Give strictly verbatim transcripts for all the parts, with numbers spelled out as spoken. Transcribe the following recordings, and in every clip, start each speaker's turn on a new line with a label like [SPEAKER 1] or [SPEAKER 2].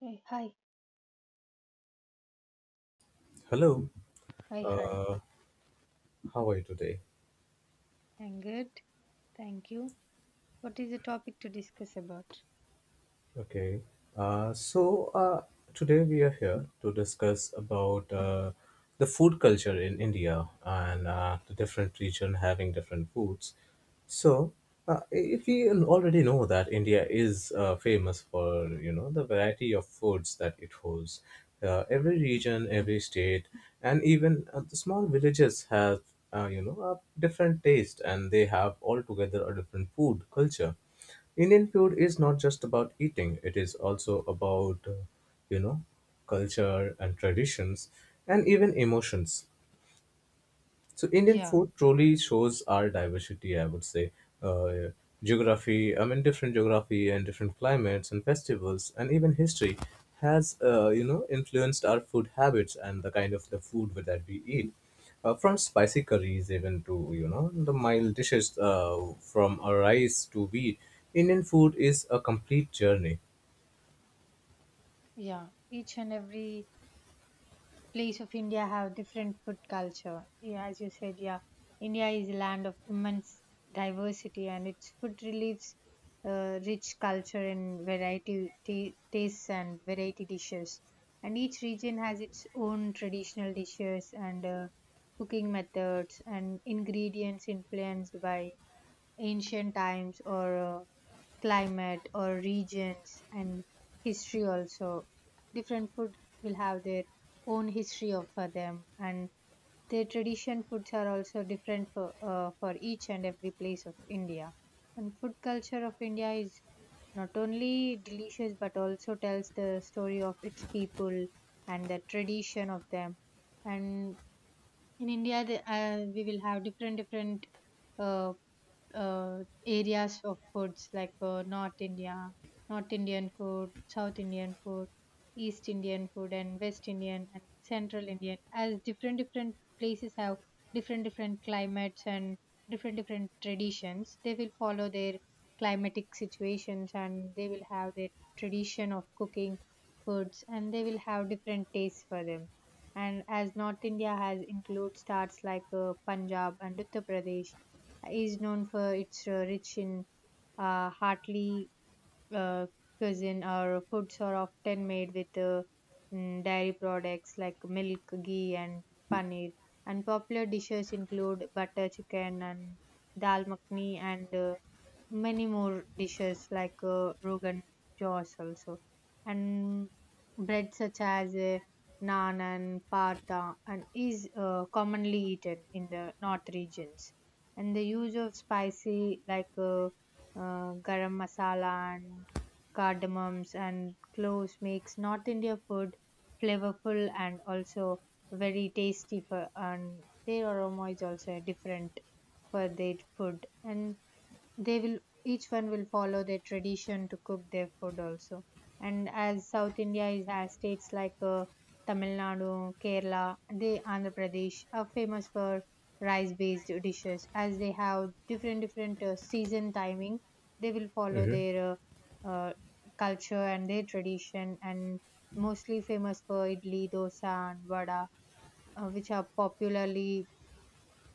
[SPEAKER 1] Hey, hi,
[SPEAKER 2] Hello,
[SPEAKER 1] hi, hi.
[SPEAKER 2] uh, how are you today?
[SPEAKER 1] I'm good. Thank you. What is the topic to discuss about?
[SPEAKER 2] Okay. Uh, so uh, today we are here to discuss about uh, the food culture in India and uh, the different region having different foods. So uh, if we already know that India is uh, famous for you know the variety of foods that it holds, uh, every region, every state, and even uh, the small villages have uh, you know a different taste and they have altogether a different food culture. Indian food is not just about eating, it is also about, uh, you know, culture and traditions and even emotions. So Indian
[SPEAKER 1] Yeah,
[SPEAKER 2] food truly shows our diversity, I would say. Uh, Geography, I mean, different geography and different climates and festivals and even history has, uh, you know, influenced our food habits and the kind of the food with that we eat. Uh, from spicy curries even to, you know, the mild dishes uh, from a rice to wheat, Indian food is a complete journey.
[SPEAKER 1] yeah. Each and every place of India have different food culture. Yeah, as you said, yeah. India is a land of immense diversity and its food relieves uh, rich culture in variety ta- tastes and variety dishes. And each region has its own traditional dishes and uh, cooking methods and ingredients influenced by ancient times or uh, climate or regions and history also. Different food will have their own history of for them, and their tradition foods are also different for, uh, for each and every place of India. And food culture of India is not only delicious but also tells the story of its people and the tradition of them. And in India, the, uh, we will have different different uh, uh, areas of foods like uh, North India, North Indian food, South Indian food, East Indian food, and West Indian and Central Indian, as different different places have different different climates and different different traditions. They will follow their climatic situations and they will have their tradition of cooking foods, and they will have different tastes for them. And as North India has includes starts like uh, Punjab and Uttar Pradesh is known for its uh, rich in uh, heartily uh, cuisine. Our foods are often made with uh, mm, dairy products like milk, ghee and paneer, and popular dishes include butter chicken and dal makhni, and uh, many more dishes like uh, rogan josh also, and bread such as uh, naan and paratha, and is uh, commonly eaten in the north regions. And the use of spicy like uh, uh, garam masala and cardamoms, and cloves makes North India food flavorful and also very tasty for, and their aroma is also different for their food. And they will each one will follow their tradition to cook their food also. And as South India is has states like uh, Tamil Nadu, Kerala, they Andhra Pradesh are famous for rice based dishes. As they have different different uh, season timing, they will follow
[SPEAKER 2] Mhm.
[SPEAKER 1] their uh, uh, culture and their tradition, and mostly famous for idli, dosa and vada, uh, which are popularly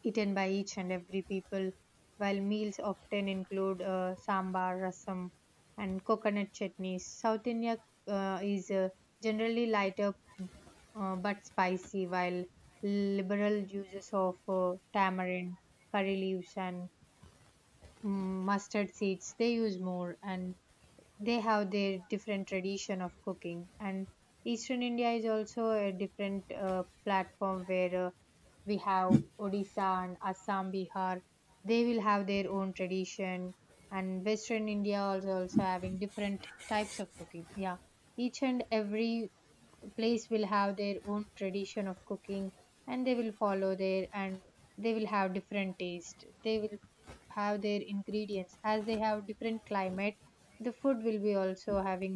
[SPEAKER 1] eaten by each and every people, while meals often include uh, sambar, rasam, and coconut chutneys. South India uh, is uh, generally lighter, uh, but spicy, while liberal uses of uh, tamarind, curry leaves, and mm, mustard seeds they use more. And they have their different tradition of cooking. And eastern India is also a different uh, platform where uh, we have Odisha and Assam, Bihar. They will have their own tradition, and western India also also having different types of cooking. Yeah, each and every place will have their own tradition of cooking, and they will follow their, and they will have different taste. They will have their ingredients as they have different climate. The food will be also having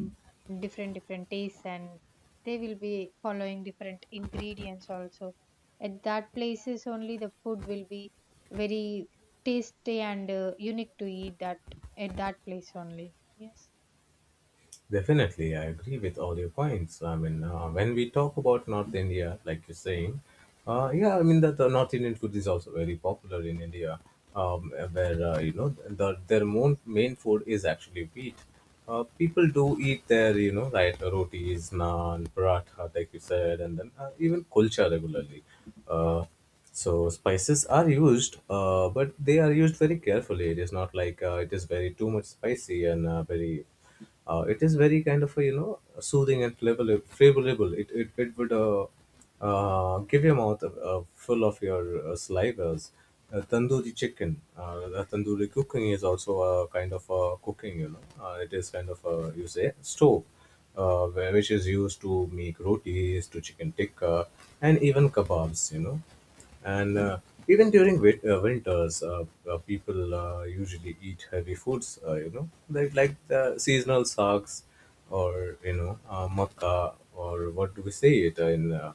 [SPEAKER 1] different different tastes, and they will be following different ingredients also. At that places only the food will be very tasty and uh, unique to eat that at that place only. Yes.
[SPEAKER 2] Definitely, I agree with all your points. I mean, uh, when we talk about North India, like you're saying, uh, yeah, I mean that the North Indian food is also very popular in India, um, where uh, you know the, their main main food is actually wheat. Uh, people do eat their you know right rotis, naan, paratha, like you said, and then uh, even kulcha regularly. Uh, so spices are used, uh, but they are used very carefully. It is not like uh, it is very too much spicy and uh, very uh, it is very kind of a, you know soothing and flavorable flavorable it it, it would uh, uh, give your mouth uh, uh, full of your uh, salivas. Uh, tandoori chicken, uh, the tandoori cooking is also a kind of a cooking you know, uh, it is kind of a you say stove, uh, where- which is used to make rotis to chicken tikka and even kebabs you know. And uh, even during wit- uh, winters uh, uh, people uh, usually eat heavy foods, uh, you know like like the seasonal saks, or you know uh, makkah, or what do we say it uh, in uh,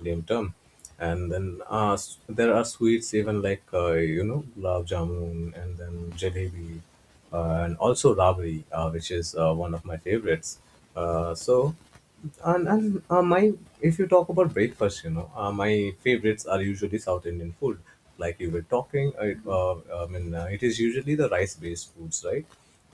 [SPEAKER 2] lame term. And then uh, s- there are sweets even like uh, you know gulab jamun, and then jalebi, uh, and also Rabri, uh, which is uh, one of my favorites. Uh, so, and, and uh, my If you talk about breakfast, you know, uh, my favorites are usually South Indian food. Like you were talking, uh, it, uh, I mean, uh, it is usually the rice-based foods, right?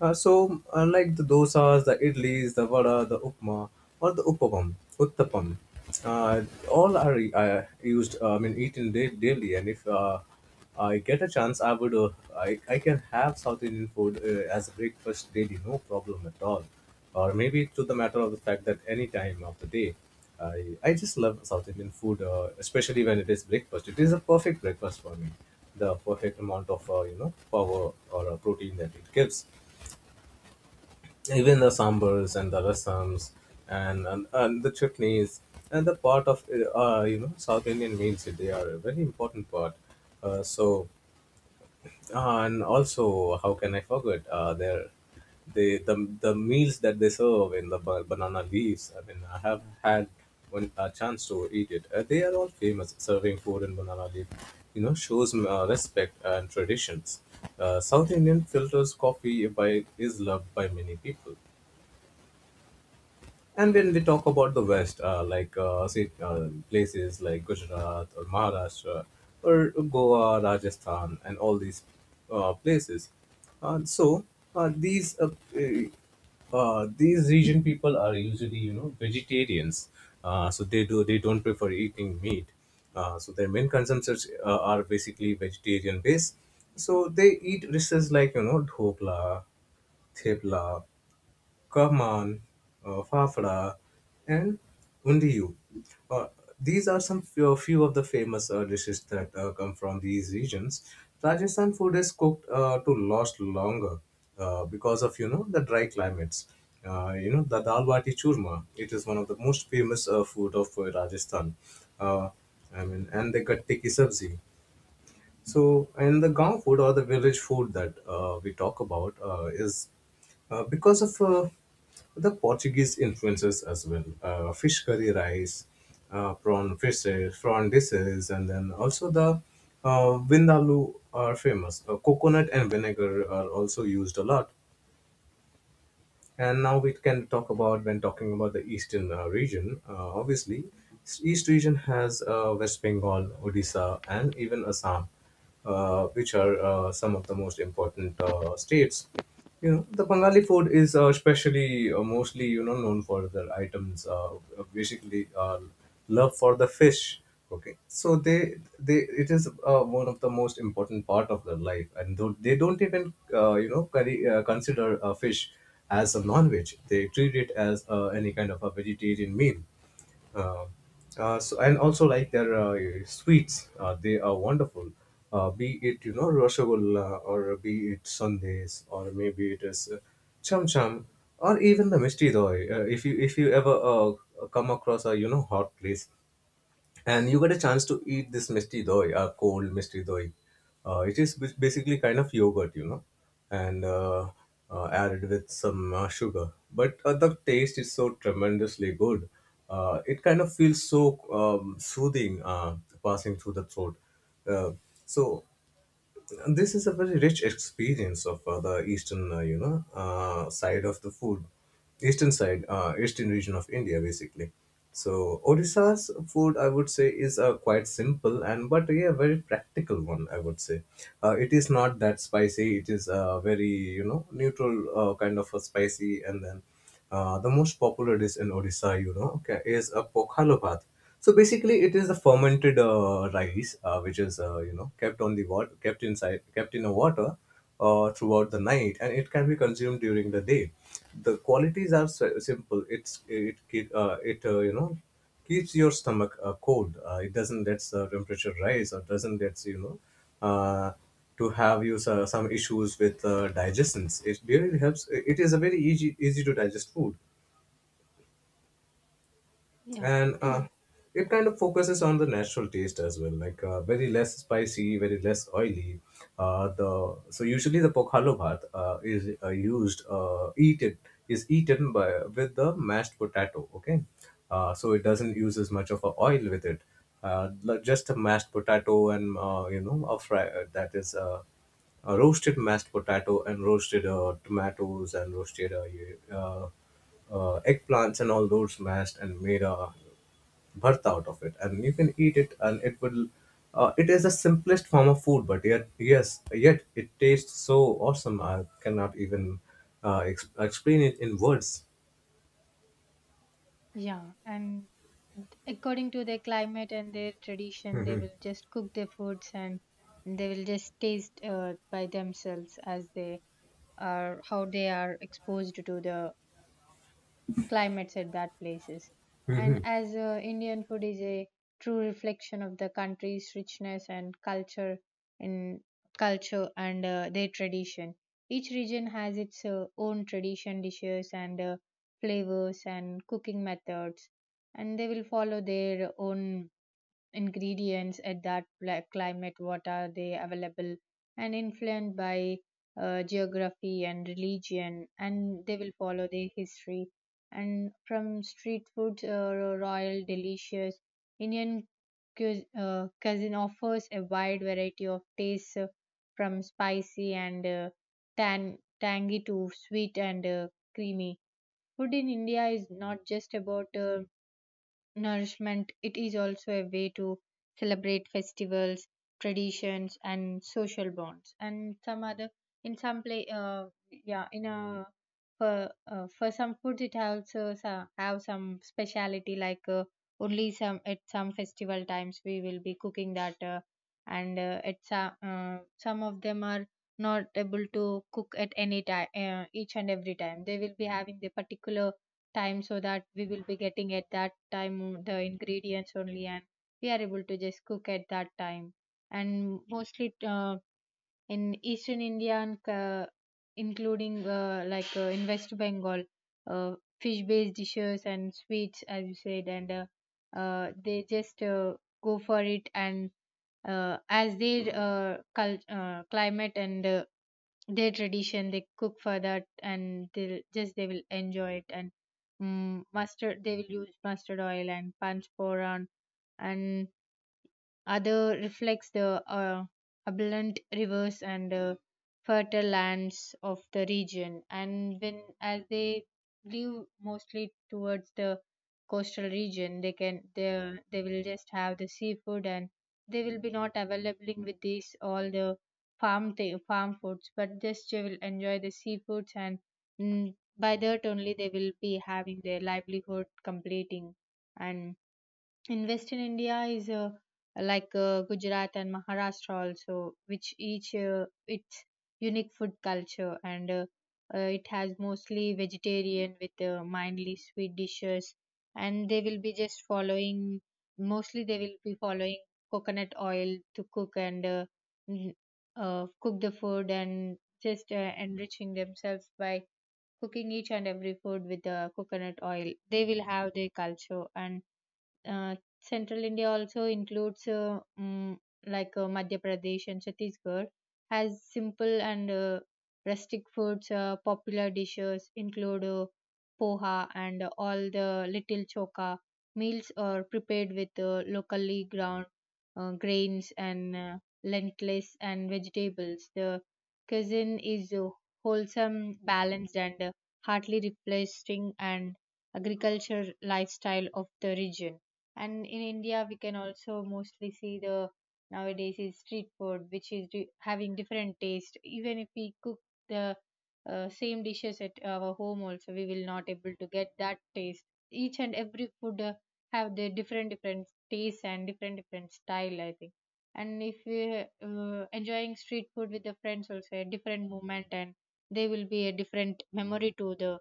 [SPEAKER 2] Uh, so, uh, like the dosas, the idlis, the vada, the upma, or the uppapam, uttapam, uh, all are uh, used, uh, I mean, eaten da- daily. And if uh, I get a chance, I would. Uh, I, I can have South Indian food uh, as a breakfast daily, no problem at all. Or maybe to the matter of the fact that any time of the day, I, I just love South Indian food, uh, especially when it is breakfast. It is a perfect breakfast for me. The perfect amount of uh, you know power or uh, protein that it gives, even the sambars and the rasams and and, and the chutneys and the part of uh, uh, you know South Indian meals. They are a very important part. Uh, so uh, and also, how can I forget? Uh, their they the the meals that they serve in the ba- banana leaves. I mean, I have had one a chance to eat it. Uh, they are all famous serving food in banana leaf. You know, shows uh, respect and traditions. Uh, South Indian filters coffee by is loved by many people. And when we talk about the West, uh, like uh, see, uh, places like Gujarat or Maharashtra or Goa, Rajasthan, and all these uh, places, uh, so uh, these uh, uh, these region people are usually you know vegetarians, uh, so they do they don't prefer eating meat. Uh, so their main consumptions uh, are basically vegetarian based. So they eat dishes like you know dhokla, thepla, Kaman, uh, Fafra, and Undiyu. Uh, these are some few, few of the famous uh, dishes that uh, come from these regions. Rajasthan food is cooked uh, to last longer uh, because of you know the dry climates. Uh, you know the dal bati churma. It is one of the most famous uh, food of uh, Rajasthan. Uh, I mean, and the gatte ki sabzi. So, and the Gaon food or the village food that uh, we talk about uh, is uh, because of uh, the Portuguese influences as well. Uh, fish curry rice, uh, prawn fishes, prawn dishes, and then also the uh, vindaloo are famous. Uh, coconut and vinegar are also used a lot. And now we can talk about when talking about the eastern uh, region. Uh, obviously, s- east region has uh, West Bengal, Odisha, and even Assam, uh, which are uh, some of the most important uh, states. You know, the Bengali food is uh, especially uh, mostly you know known for their items, uh, basically. Uh, love for the fish, okay. So they they it is uh, one of the most important part of their life, and though they don't even uh, you know curry, uh, consider uh, fish as a non-veg, they treat it as uh, any kind of a vegetarian meal. Uh, uh, so and also like their uh, sweets, uh, they are wonderful. Uh, be it you know rasgulla, or be it sandesh, or maybe it is uh, cham cham, or even the Misti doi. Uh, if you if you ever uh, come across a you know hot place, and you get a chance to eat this misti doi, uh, cold misti doi. Uh, it is bas- basically kind of yogurt, you know, and uh, uh, added with some uh, sugar. But uh, the taste is so tremendously good. Uh, it kind of feels so um, soothing uh, passing through the throat. Uh, so this is a very rich experience of uh, the eastern, uh, you know, uh, side of the food, eastern side, uh, eastern region of India, basically. So Odisha's food, I would say, is a quite simple and but yeah, very practical one. I would say, uh, it is not that spicy. It is a very you know neutral uh, kind of a spicy, and then uh, the most popular dish in Odisha, you know, okay, is a pokhalo bhat. So basically, it is the fermented uh, rice, uh, which is uh, you know kept on the water, kept inside, kept in a water uh, throughout the night, and it can be consumed during the day. The qualities are si- simple. It's it keep- uh, it uh, you know keeps your stomach uh, cold. Uh, it doesn't let the temperature rise, or doesn't let you know uh, to have you so- some issues with uh, digestions. It really helps. It is a very easy easy to digest food,
[SPEAKER 1] Yeah.
[SPEAKER 2] and uh, it kind of focuses on the natural taste as well, like uh, very less spicy, very less oily. Uh, the so usually the pokhalo bhat uh, is uh, used uh, eaten is eaten by with the mashed potato, okay. Uh, so it doesn't use as much of a oil with it, uh, l- just a mashed potato, and uh, you know a fry, uh, that is uh, uh, roasted mashed potato and roasted uh, tomatoes and roasted uh, you- uh, uh, eggplants, and all those mashed and made a birth out of it, and you can eat it, and it will uh, it is the simplest form of food, but yet yes yet it tastes so awesome, I cannot even uh, ex- explain it in words.
[SPEAKER 1] Yeah, and according to their climate and their tradition, they will just cook their foods, and they will just taste uh, by themselves as they are how they are exposed to the climates at that places. And as uh, Indian food is a true reflection of the country's richness and culture in culture and uh, their tradition, each region has its uh, own tradition dishes and uh, flavors and cooking methods, and they will follow their own ingredients at that pla- climate, what are they available, and influenced by uh, geography and religion, and they will follow their history. And from street food, uh, royal delicious Indian cu- uh, cuisine offers a wide variety of tastes, uh, from spicy and uh, tan- tangy to sweet and uh, creamy. Food in India is not just about uh, nourishment, it is also a way to celebrate festivals, traditions, and social bonds. And some other, in some play, uh, yeah, in a for uh, for some foods, it also so- have some speciality like uh, only some at some festival times we will be cooking that, uh, and uh, at some uh, some of them are not able to cook at any time. Uh, each and every time they will be having the particular time so that we will be getting at that time the ingredients only and we are able to just cook at that time. And mostly uh, in eastern India and uh, including uh, like uh, in West Bengal, uh, fish based dishes and sweets as you said, and uh, uh, they just uh, go for it. And uh, as their uh, cult, uh, climate and uh, their tradition, they cook for that, and they'll just they will enjoy it. And mm mustard they will use mustard oil and panch poran and other reflects the uh, abundant rivers and uh, fertile lands of the region. And when as they live mostly towards the coastal region, they can they they will just have the seafood, and they will be not available with these all the farm th- farm foods, but just they will enjoy the seafoods. And mm, by that only they will be having their livelihood completing. And in Western India is uh, like uh, Gujarat and Maharashtra also, which each uh, its unique food culture, and uh, uh, it has mostly vegetarian with uh, mildly sweet dishes, and they will be just following mostly they will be following coconut oil to cook and uh, n- uh, cook the food and just uh, enriching themselves by cooking each and every food with the coconut oil. They will have their culture. And uh, Central India also includes uh, mm, like uh, Madhya Pradesh and Chhattisgarh has simple and uh, rustic foods. Uh, popular dishes include uh, poha and all the little choka. Meals are prepared with uh, locally ground uh, grains and uh, lentils and vegetables. The cuisine is uh, wholesome, balanced, and uh, hardly replacing and agriculture lifestyle of the region. And in India, we can also mostly see the nowadays is street food, which is di- having different taste. Even if we cook the uh, same dishes at our home, also we will not able to get that taste. Each and every food uh, have the different different tastes and different different style, I think. And if we uh, enjoying street food with the friends, also a different moment, and they will be a different memory to the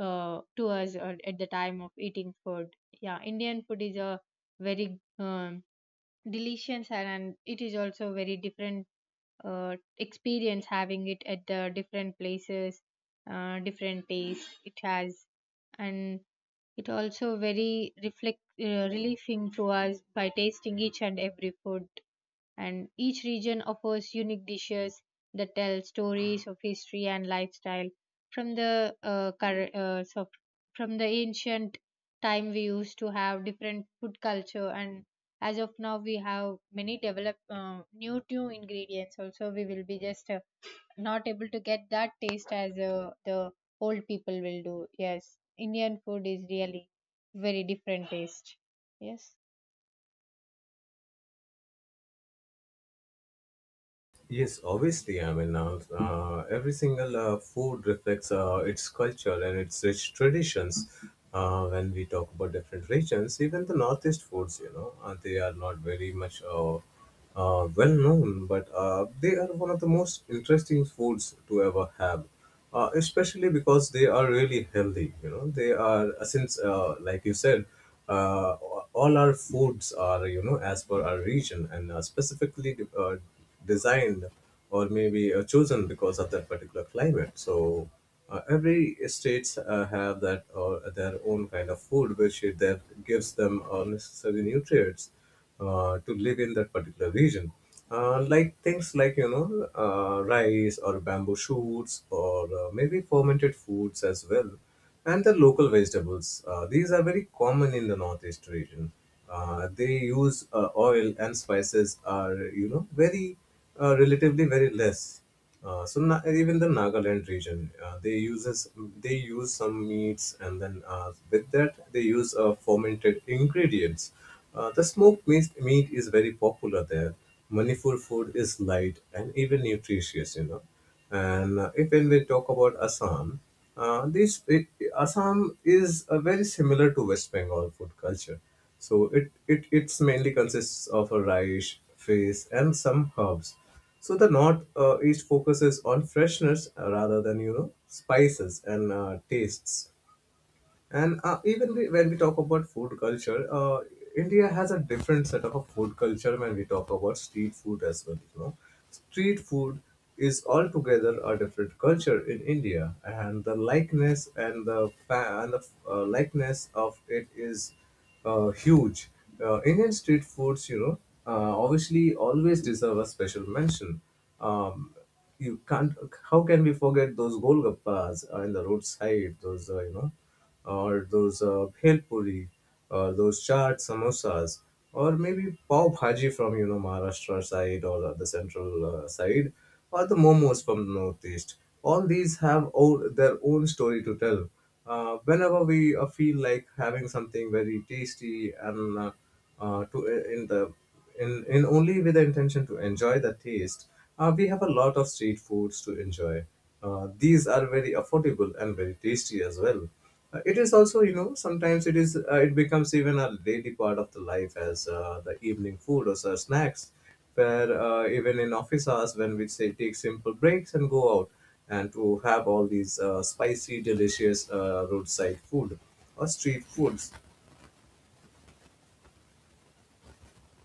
[SPEAKER 1] uh, to us or at the time of eating food. Yeah, Indian food is a very um, delicious, and and it is also very different uh, experience having it at the different places, uh, different taste it has. And it also very reflect uh, relieving to us by tasting each and every food, and each region offers unique dishes that tell stories of history and lifestyle from the uh, cur- uh, so from the ancient time we used to have different food culture. And as of now we have many develop uh, new new ingredients. Also we will be just uh, not able to get that taste as uh, the old people will do. Yes, Indian food is really very different taste. Yes.
[SPEAKER 2] Yes, obviously. I mean, uh, uh, every single uh, food reflects uh, its culture and its rich traditions. Uh, when we talk about different regions, even the northeast foods, you know, uh, they are not very much uh, uh, well known, but uh, they are one of the most interesting foods to ever have, uh, especially because they are really healthy, you know. They are uh, since uh, like you said, uh, all our foods are you know as per our region and uh, specifically uh, designed or maybe uh, chosen because of that particular climate. So uh, every states uh, have that or their own kind of food which it- that gives them uh, necessary nutrients uh, to live in that particular region. Uh, like things like you know uh, rice or bamboo shoots, or uh, maybe fermented foods as well, and the local vegetables. Uh, these are very common in the northeast region. Uh, they use uh, oil and spices are you know very uh, relatively very less. Uh, so na- even the Nagaland region, uh, they uses they use some meats, and then uh, with that they use uh, fermented ingredients. Uh, the smoked meat, meat is very popular there. Manipur food is light and even nutritious, you know. And uh, if when we talk about Assam, uh, this it, Assam is uh, very similar to West Bengal food culture. So it, it it's mainly consists of a rice, fish, and some herbs. So the north uh, east focuses on freshness uh, rather than you know spices and uh, tastes. And uh, even we, when we talk about food culture, uh, India has a different set of food culture when we talk about street food as well. You know, street food is altogether a different culture in India, and the likeness and the fa- and the uh, likeness of it is uh, huge. Uh, Indian street foods, you know, uh, obviously always deserve a special mention. Um, you can't. How can we forget those golgappas uh, in the roadside? Those, uh, you know, or those uh, Bhel puri, or those chaat samosas, or maybe pav bhaji from you know Maharashtra side or the central uh, side, or the momos from the northeast. All these have o- their own story to tell. Uh, whenever we uh, feel like having something very tasty and uh, uh, to uh, in the in, in only with the intention to enjoy the taste, uh, we have a lot of street foods to enjoy. Uh, these are very affordable and very tasty as well. Uh, it is also, you know, sometimes it is uh, it becomes even a daily part of the life as uh, the evening food or so snacks, where uh, even in office hours, when we say, take simple breaks and go out and to have all these uh, spicy delicious uh, roadside food or street foods.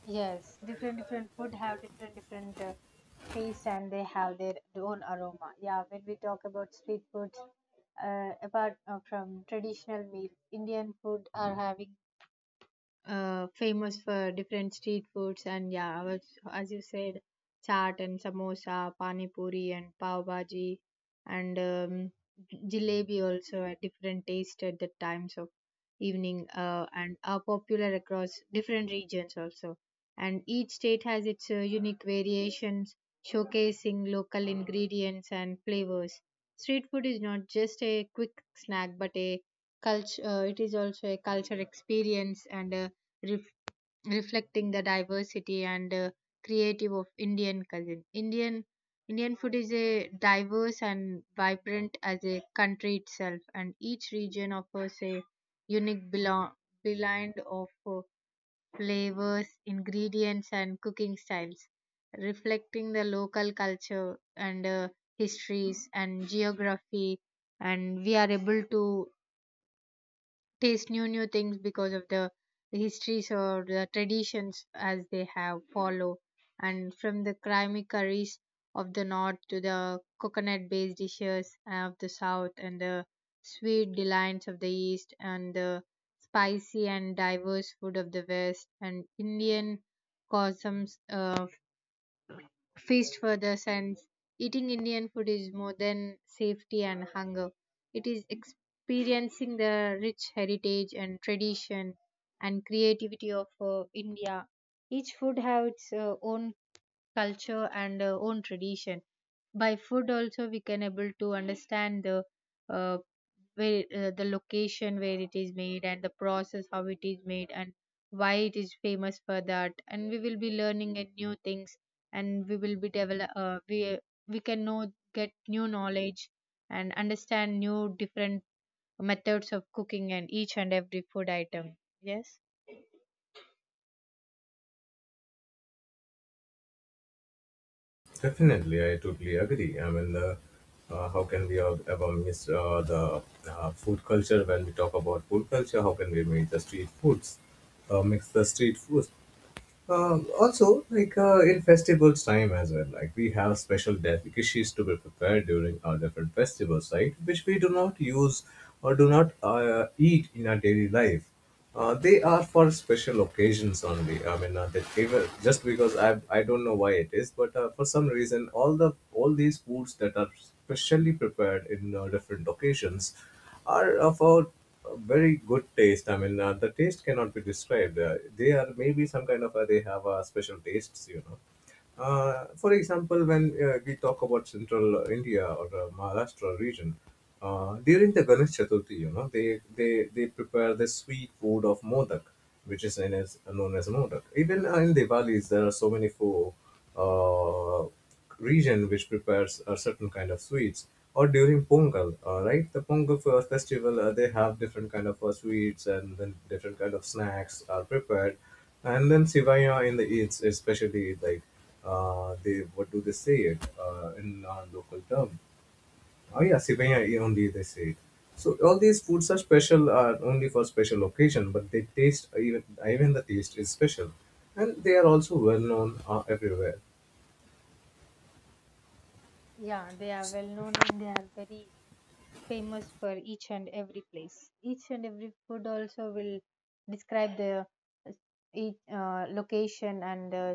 [SPEAKER 1] Yes, different different food have different different uh, taste and they have their own aroma. Yeah, when we talk about street foods, uh, apart uh, from traditional meals, Indian food are having uh, famous for different street foods and yeah, as, as you said, chaat and samosa, pani puri and pav bhaji and um, jalebi also had different taste at the times of evening uh, and are popular across different regions also. And each state has its uh, unique variations, showcasing local ingredients and flavors. Street food is not just a quick snack, but a culture. Uh, it is also a culture experience and a ref- reflecting the diversity and uh, creative of Indian cuisine. Indian Indian food is a diverse and vibrant as a country itself, and each region offers a unique belo- blend of uh, flavors, ingredients, and cooking styles, reflecting the local culture and uh, histories and geography. And we are able to taste new new things because of the histories or the traditions as they have follow. And from the creamy curries of the north to the coconut based dishes of the south and the sweet delights of the east and the spicy and diverse food of the west and Indian customs, uh, feast for the sense. Eating Indian food is more than safety and hunger. It is experiencing the rich heritage and tradition and creativity of uh, India. Each food has its uh, own culture and uh, own tradition. By food also we can able to understand the uh, where uh, the location where it is made and the process how it is made and why it is famous for that, and we will be learning a new things and we will be develop uh, we we can know get new knowledge and understand new different methods of cooking and each and every food item, yes.
[SPEAKER 2] Definitely, I totally agree. I mean uh, uh, how can we all ever miss uh, the uh, food culture? When we talk about food culture, how can we make the street foods uh, mix the street foods? Um, also, like uh, in festivals time as well, like we have special delicacies to be prepared during our different festivals, right? Which we do not use or do not uh, eat in our daily life. Uh, they are for special occasions only. I mean, uh, that even just because I I don't know why it is, but uh, for some reason, all the all these foods that are specially prepared in uh, different occasions are of a very good taste. I mean, uh, the taste cannot be described. Uh, they are maybe some kind of uh, they have uh, special tastes, you know. Uh, for example, when uh, we talk about central India or uh, Maharashtra region, uh, during the Ganesh Chaturthi, you know, they, they, they prepare the sweet food of modak, which is known as, known as modak. Even uh, in Diwalis, there are so many food, uh, region which prepares a certain kind of sweets, or during pongal, uh, right the pongal fe- festival, uh, they have different kind of uh, sweets, and then different kind of snacks are prepared, and then sivaya in the eats, especially like, uh, they, what do they say it uh, in our local term, oh yeah, sivaya only they say it. So all these foods are special uh, only for special occasion, but they taste even, even the taste is special, and they are also well known uh, everywhere.
[SPEAKER 1] Yeah, they are well known and they are very famous for each and every place. Each and every food also will describe the uh, each uh, location and uh,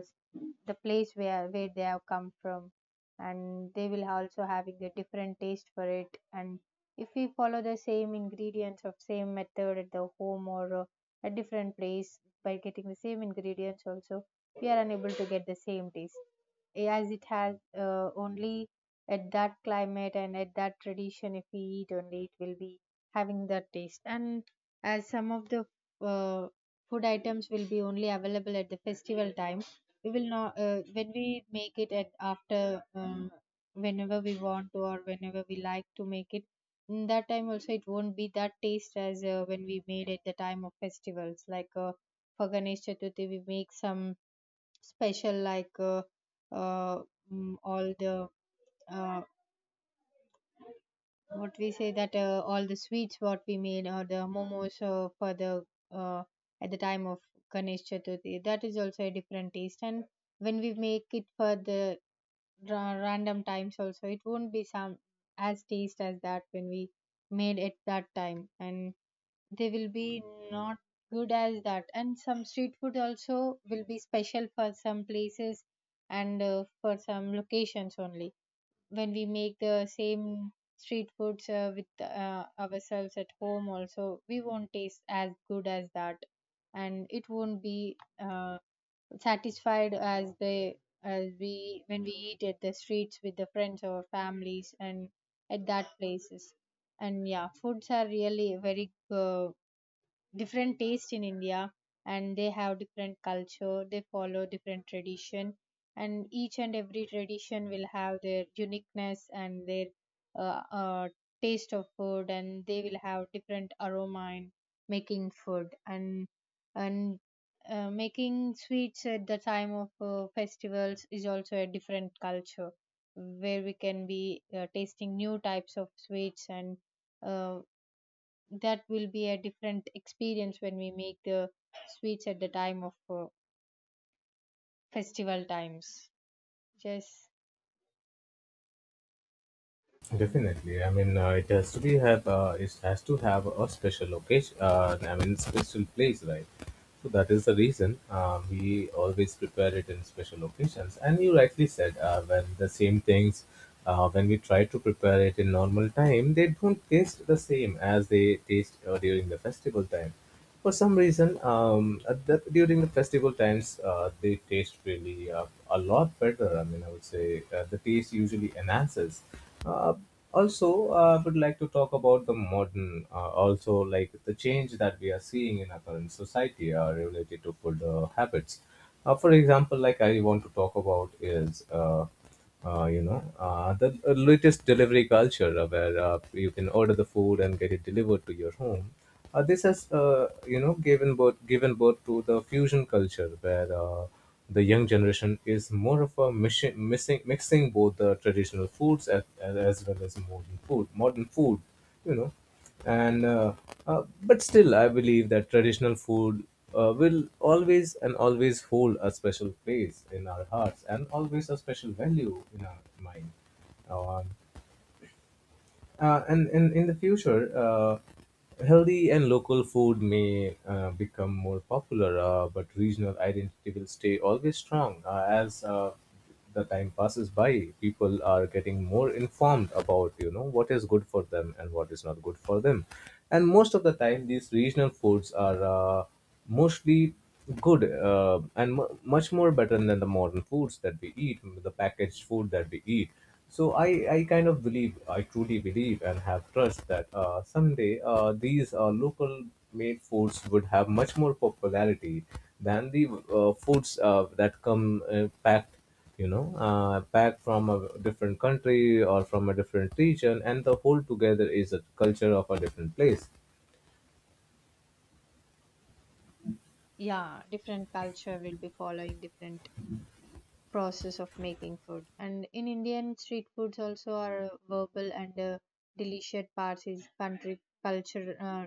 [SPEAKER 1] the place where where they have come from, and they will also having a different taste for it. And if we follow the same ingredients of same method at the home or uh, a different place, by getting the same ingredients also, we are unable to get the same taste as it has uh, only at that climate, and at that tradition if we eat only it will be having that taste. And as some of the uh, food items will be only available at the festival time, we will not uh, when we make it at after um, whenever we want to or whenever we like to make it, in that time also it won't be that taste as uh, when we made at the time of festivals. Like uh, for Ganesh Chaturthi we make some special, like uh, uh, mm, all the uh, what we say that, uh, all the sweets what we made or the momos uh, for the uh, at the time of Ganesh Chaturthi, that is also a different taste. And when we make it for the ra- random times also, it won't be some as taste as that when we made it that time, and they will be not good as that. And some street food also will be special for some places and uh, for some locations only. When we make the same street foods uh, with uh, ourselves at home also, we won't taste as good as that, and it won't be uh, satisfied as they as we when we eat at the streets with the friends or families and at that places. And yeah, foods are really very uh, different taste in India, and they have different culture, they follow different tradition, and each and every tradition will have their uniqueness and their uh, uh, taste of food, and they will have different aroma in making food. and and uh, making sweets at the time of uh, festivals is also a different culture, where we can be uh, tasting new types of sweets. And uh, that will be a different experience when we make the sweets at the time of uh, festival times just and
[SPEAKER 2] Definitely. I mean, uh, it has to be have uh, it has to have a special location. Uh, I mean, special place, right? So that is the reason uh, we always prepare it in special occasions. And you rightly said, uh, when the same things, uh, when we try to prepare it in normal time, they don't taste the same as they taste uh, during the festival time. For some reason, um, at the, during the festival times, uh, they taste really uh, a lot better. I mean, I would say uh, the taste usually enhances. Uh, also uh, I would like to talk about the modern, uh, also like the change that we are seeing in our current society uh, related to food uh, habits. Uh, for example, like I want to talk about is, uh, uh, you know, uh, the uh, latest delivery culture, uh, where uh, you can order the food and get it delivered to your home. Uh, this has, uh, you know, given birth given birth to the fusion culture, where uh, the young generation is more of a mixing, mixing, mixing both the traditional foods, as, as, well as modern food modern food, you know. And uh, uh, but still I believe that traditional food uh, will always and always hold a special place in our hearts, and always a special value in our mind. um, uh, and, and in the future, uh, healthy and local food may uh, become more popular, uh, but regional identity will stay always strong. Uh, as uh, the time passes by, people are getting more informed about, you know, what is good for them and what is not good for them, and most of the time, these regional foods are. Uh, Mostly good, uh, and mu much more better than the modern foods that we eat, the packaged food that we eat. So I, I kind of believe, I truly believe and have trust that uh, someday uh, these uh, local made foods would have much more popularity than the uh, foods uh, that come uh, packed, you know, uh, packed from a different country or from a different region, and the whole together is a culture of a different place.
[SPEAKER 1] yeah. Different culture will be following different process of making food, and in Indian street foods also are uh, verbal and uh, delicious parts is country culture, uh,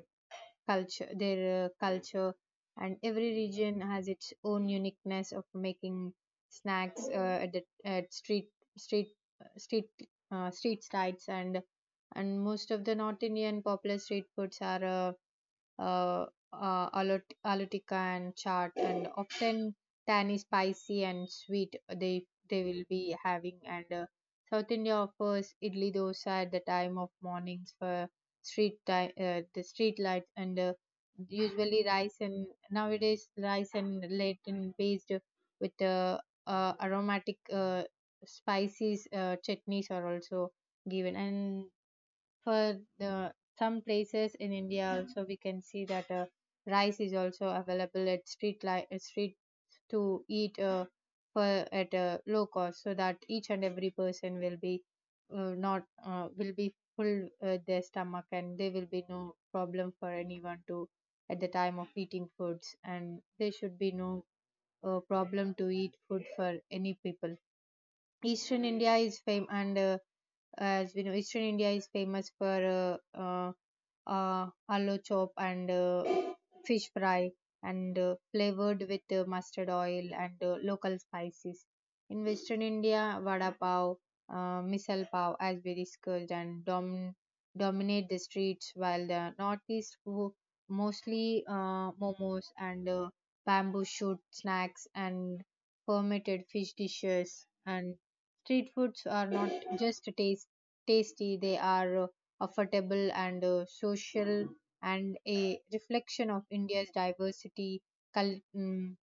[SPEAKER 1] culture, their uh, culture, and every region has its own uniqueness of making snacks uh, at, the, at street street street uh, street sites. and and most of the North Indian popular street foods are. Uh, uh, uh, alot- Alotica and chaat, and often tanny spicy and sweet they they will be having. And uh, South India offers idli dosa at the time of mornings for street time, uh, the street lights, and uh, usually rice and nowadays rice and latent based with uh, uh, aromatic uh, spices, uh, chutneys are also given. And for the some places in India also, we can see that uh, rice is also available at street li- uh, street to eat, uh, for at a low cost, so that each and every person will be uh, not uh, will be full uh, their stomach, and there will be no problem for anyone to at the time of eating foods, and there should be no uh, problem to eat food for any people. Eastern India is fam and uh, as we know, Eastern India is famous for uh, uh, uh, aloo chop and uh, fish fry, and uh, flavored with uh, mustard oil and uh, local spices. In Western India, vada pav, uh, misal pav, as we discussed, and dom- dominate the streets, while the Northeast food mostly uh, momos and uh, bamboo shoot snacks and fermented fish dishes. And street foods are not just taste, tasty, they are uh, affordable and uh, social, and a reflection of India's diversity, cul- mm,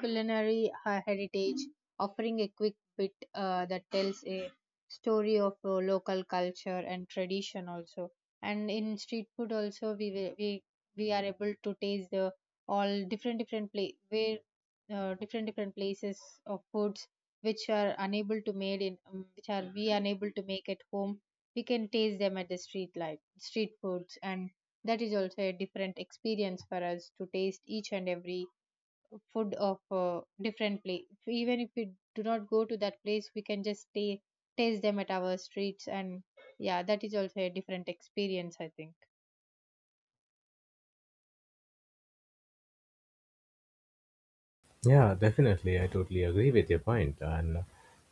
[SPEAKER 1] culinary he- heritage, offering a quick bit uh, that tells a story of uh, local culture and tradition also. And in street food also, we will- we we are able to taste the all different different place where uh, different different places of foods which are unable to made in um, which are we unable to make at home, we can taste them at the street life street foods. And that is also a different experience for us to taste each and every food of uh, different place. Even if we do not go to that place, we can just stay taste them at our streets. And yeah, that is also a different experience, I think.
[SPEAKER 2] Yeah, definitely. I totally agree with your point. And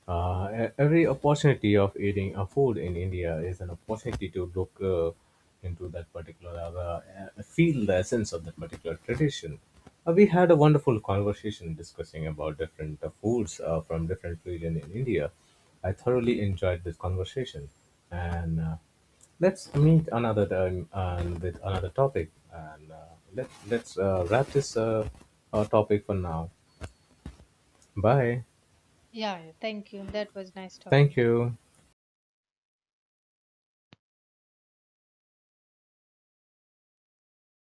[SPEAKER 2] uh, e- every opportunity of eating a food in India is an opportunity to look uh, into that particular, uh, uh, feel the essence of that particular tradition. Uh, we had a wonderful conversation discussing about different uh, foods uh, from different region in India. I thoroughly enjoyed this conversation, and uh, let's meet another time and with another topic. And uh, let let's uh, wrap this uh, uh, topic for now. Bye,
[SPEAKER 1] Yeah, yeah, thank you, that was nice
[SPEAKER 2] thank
[SPEAKER 1] talking to you.
[SPEAKER 2] you.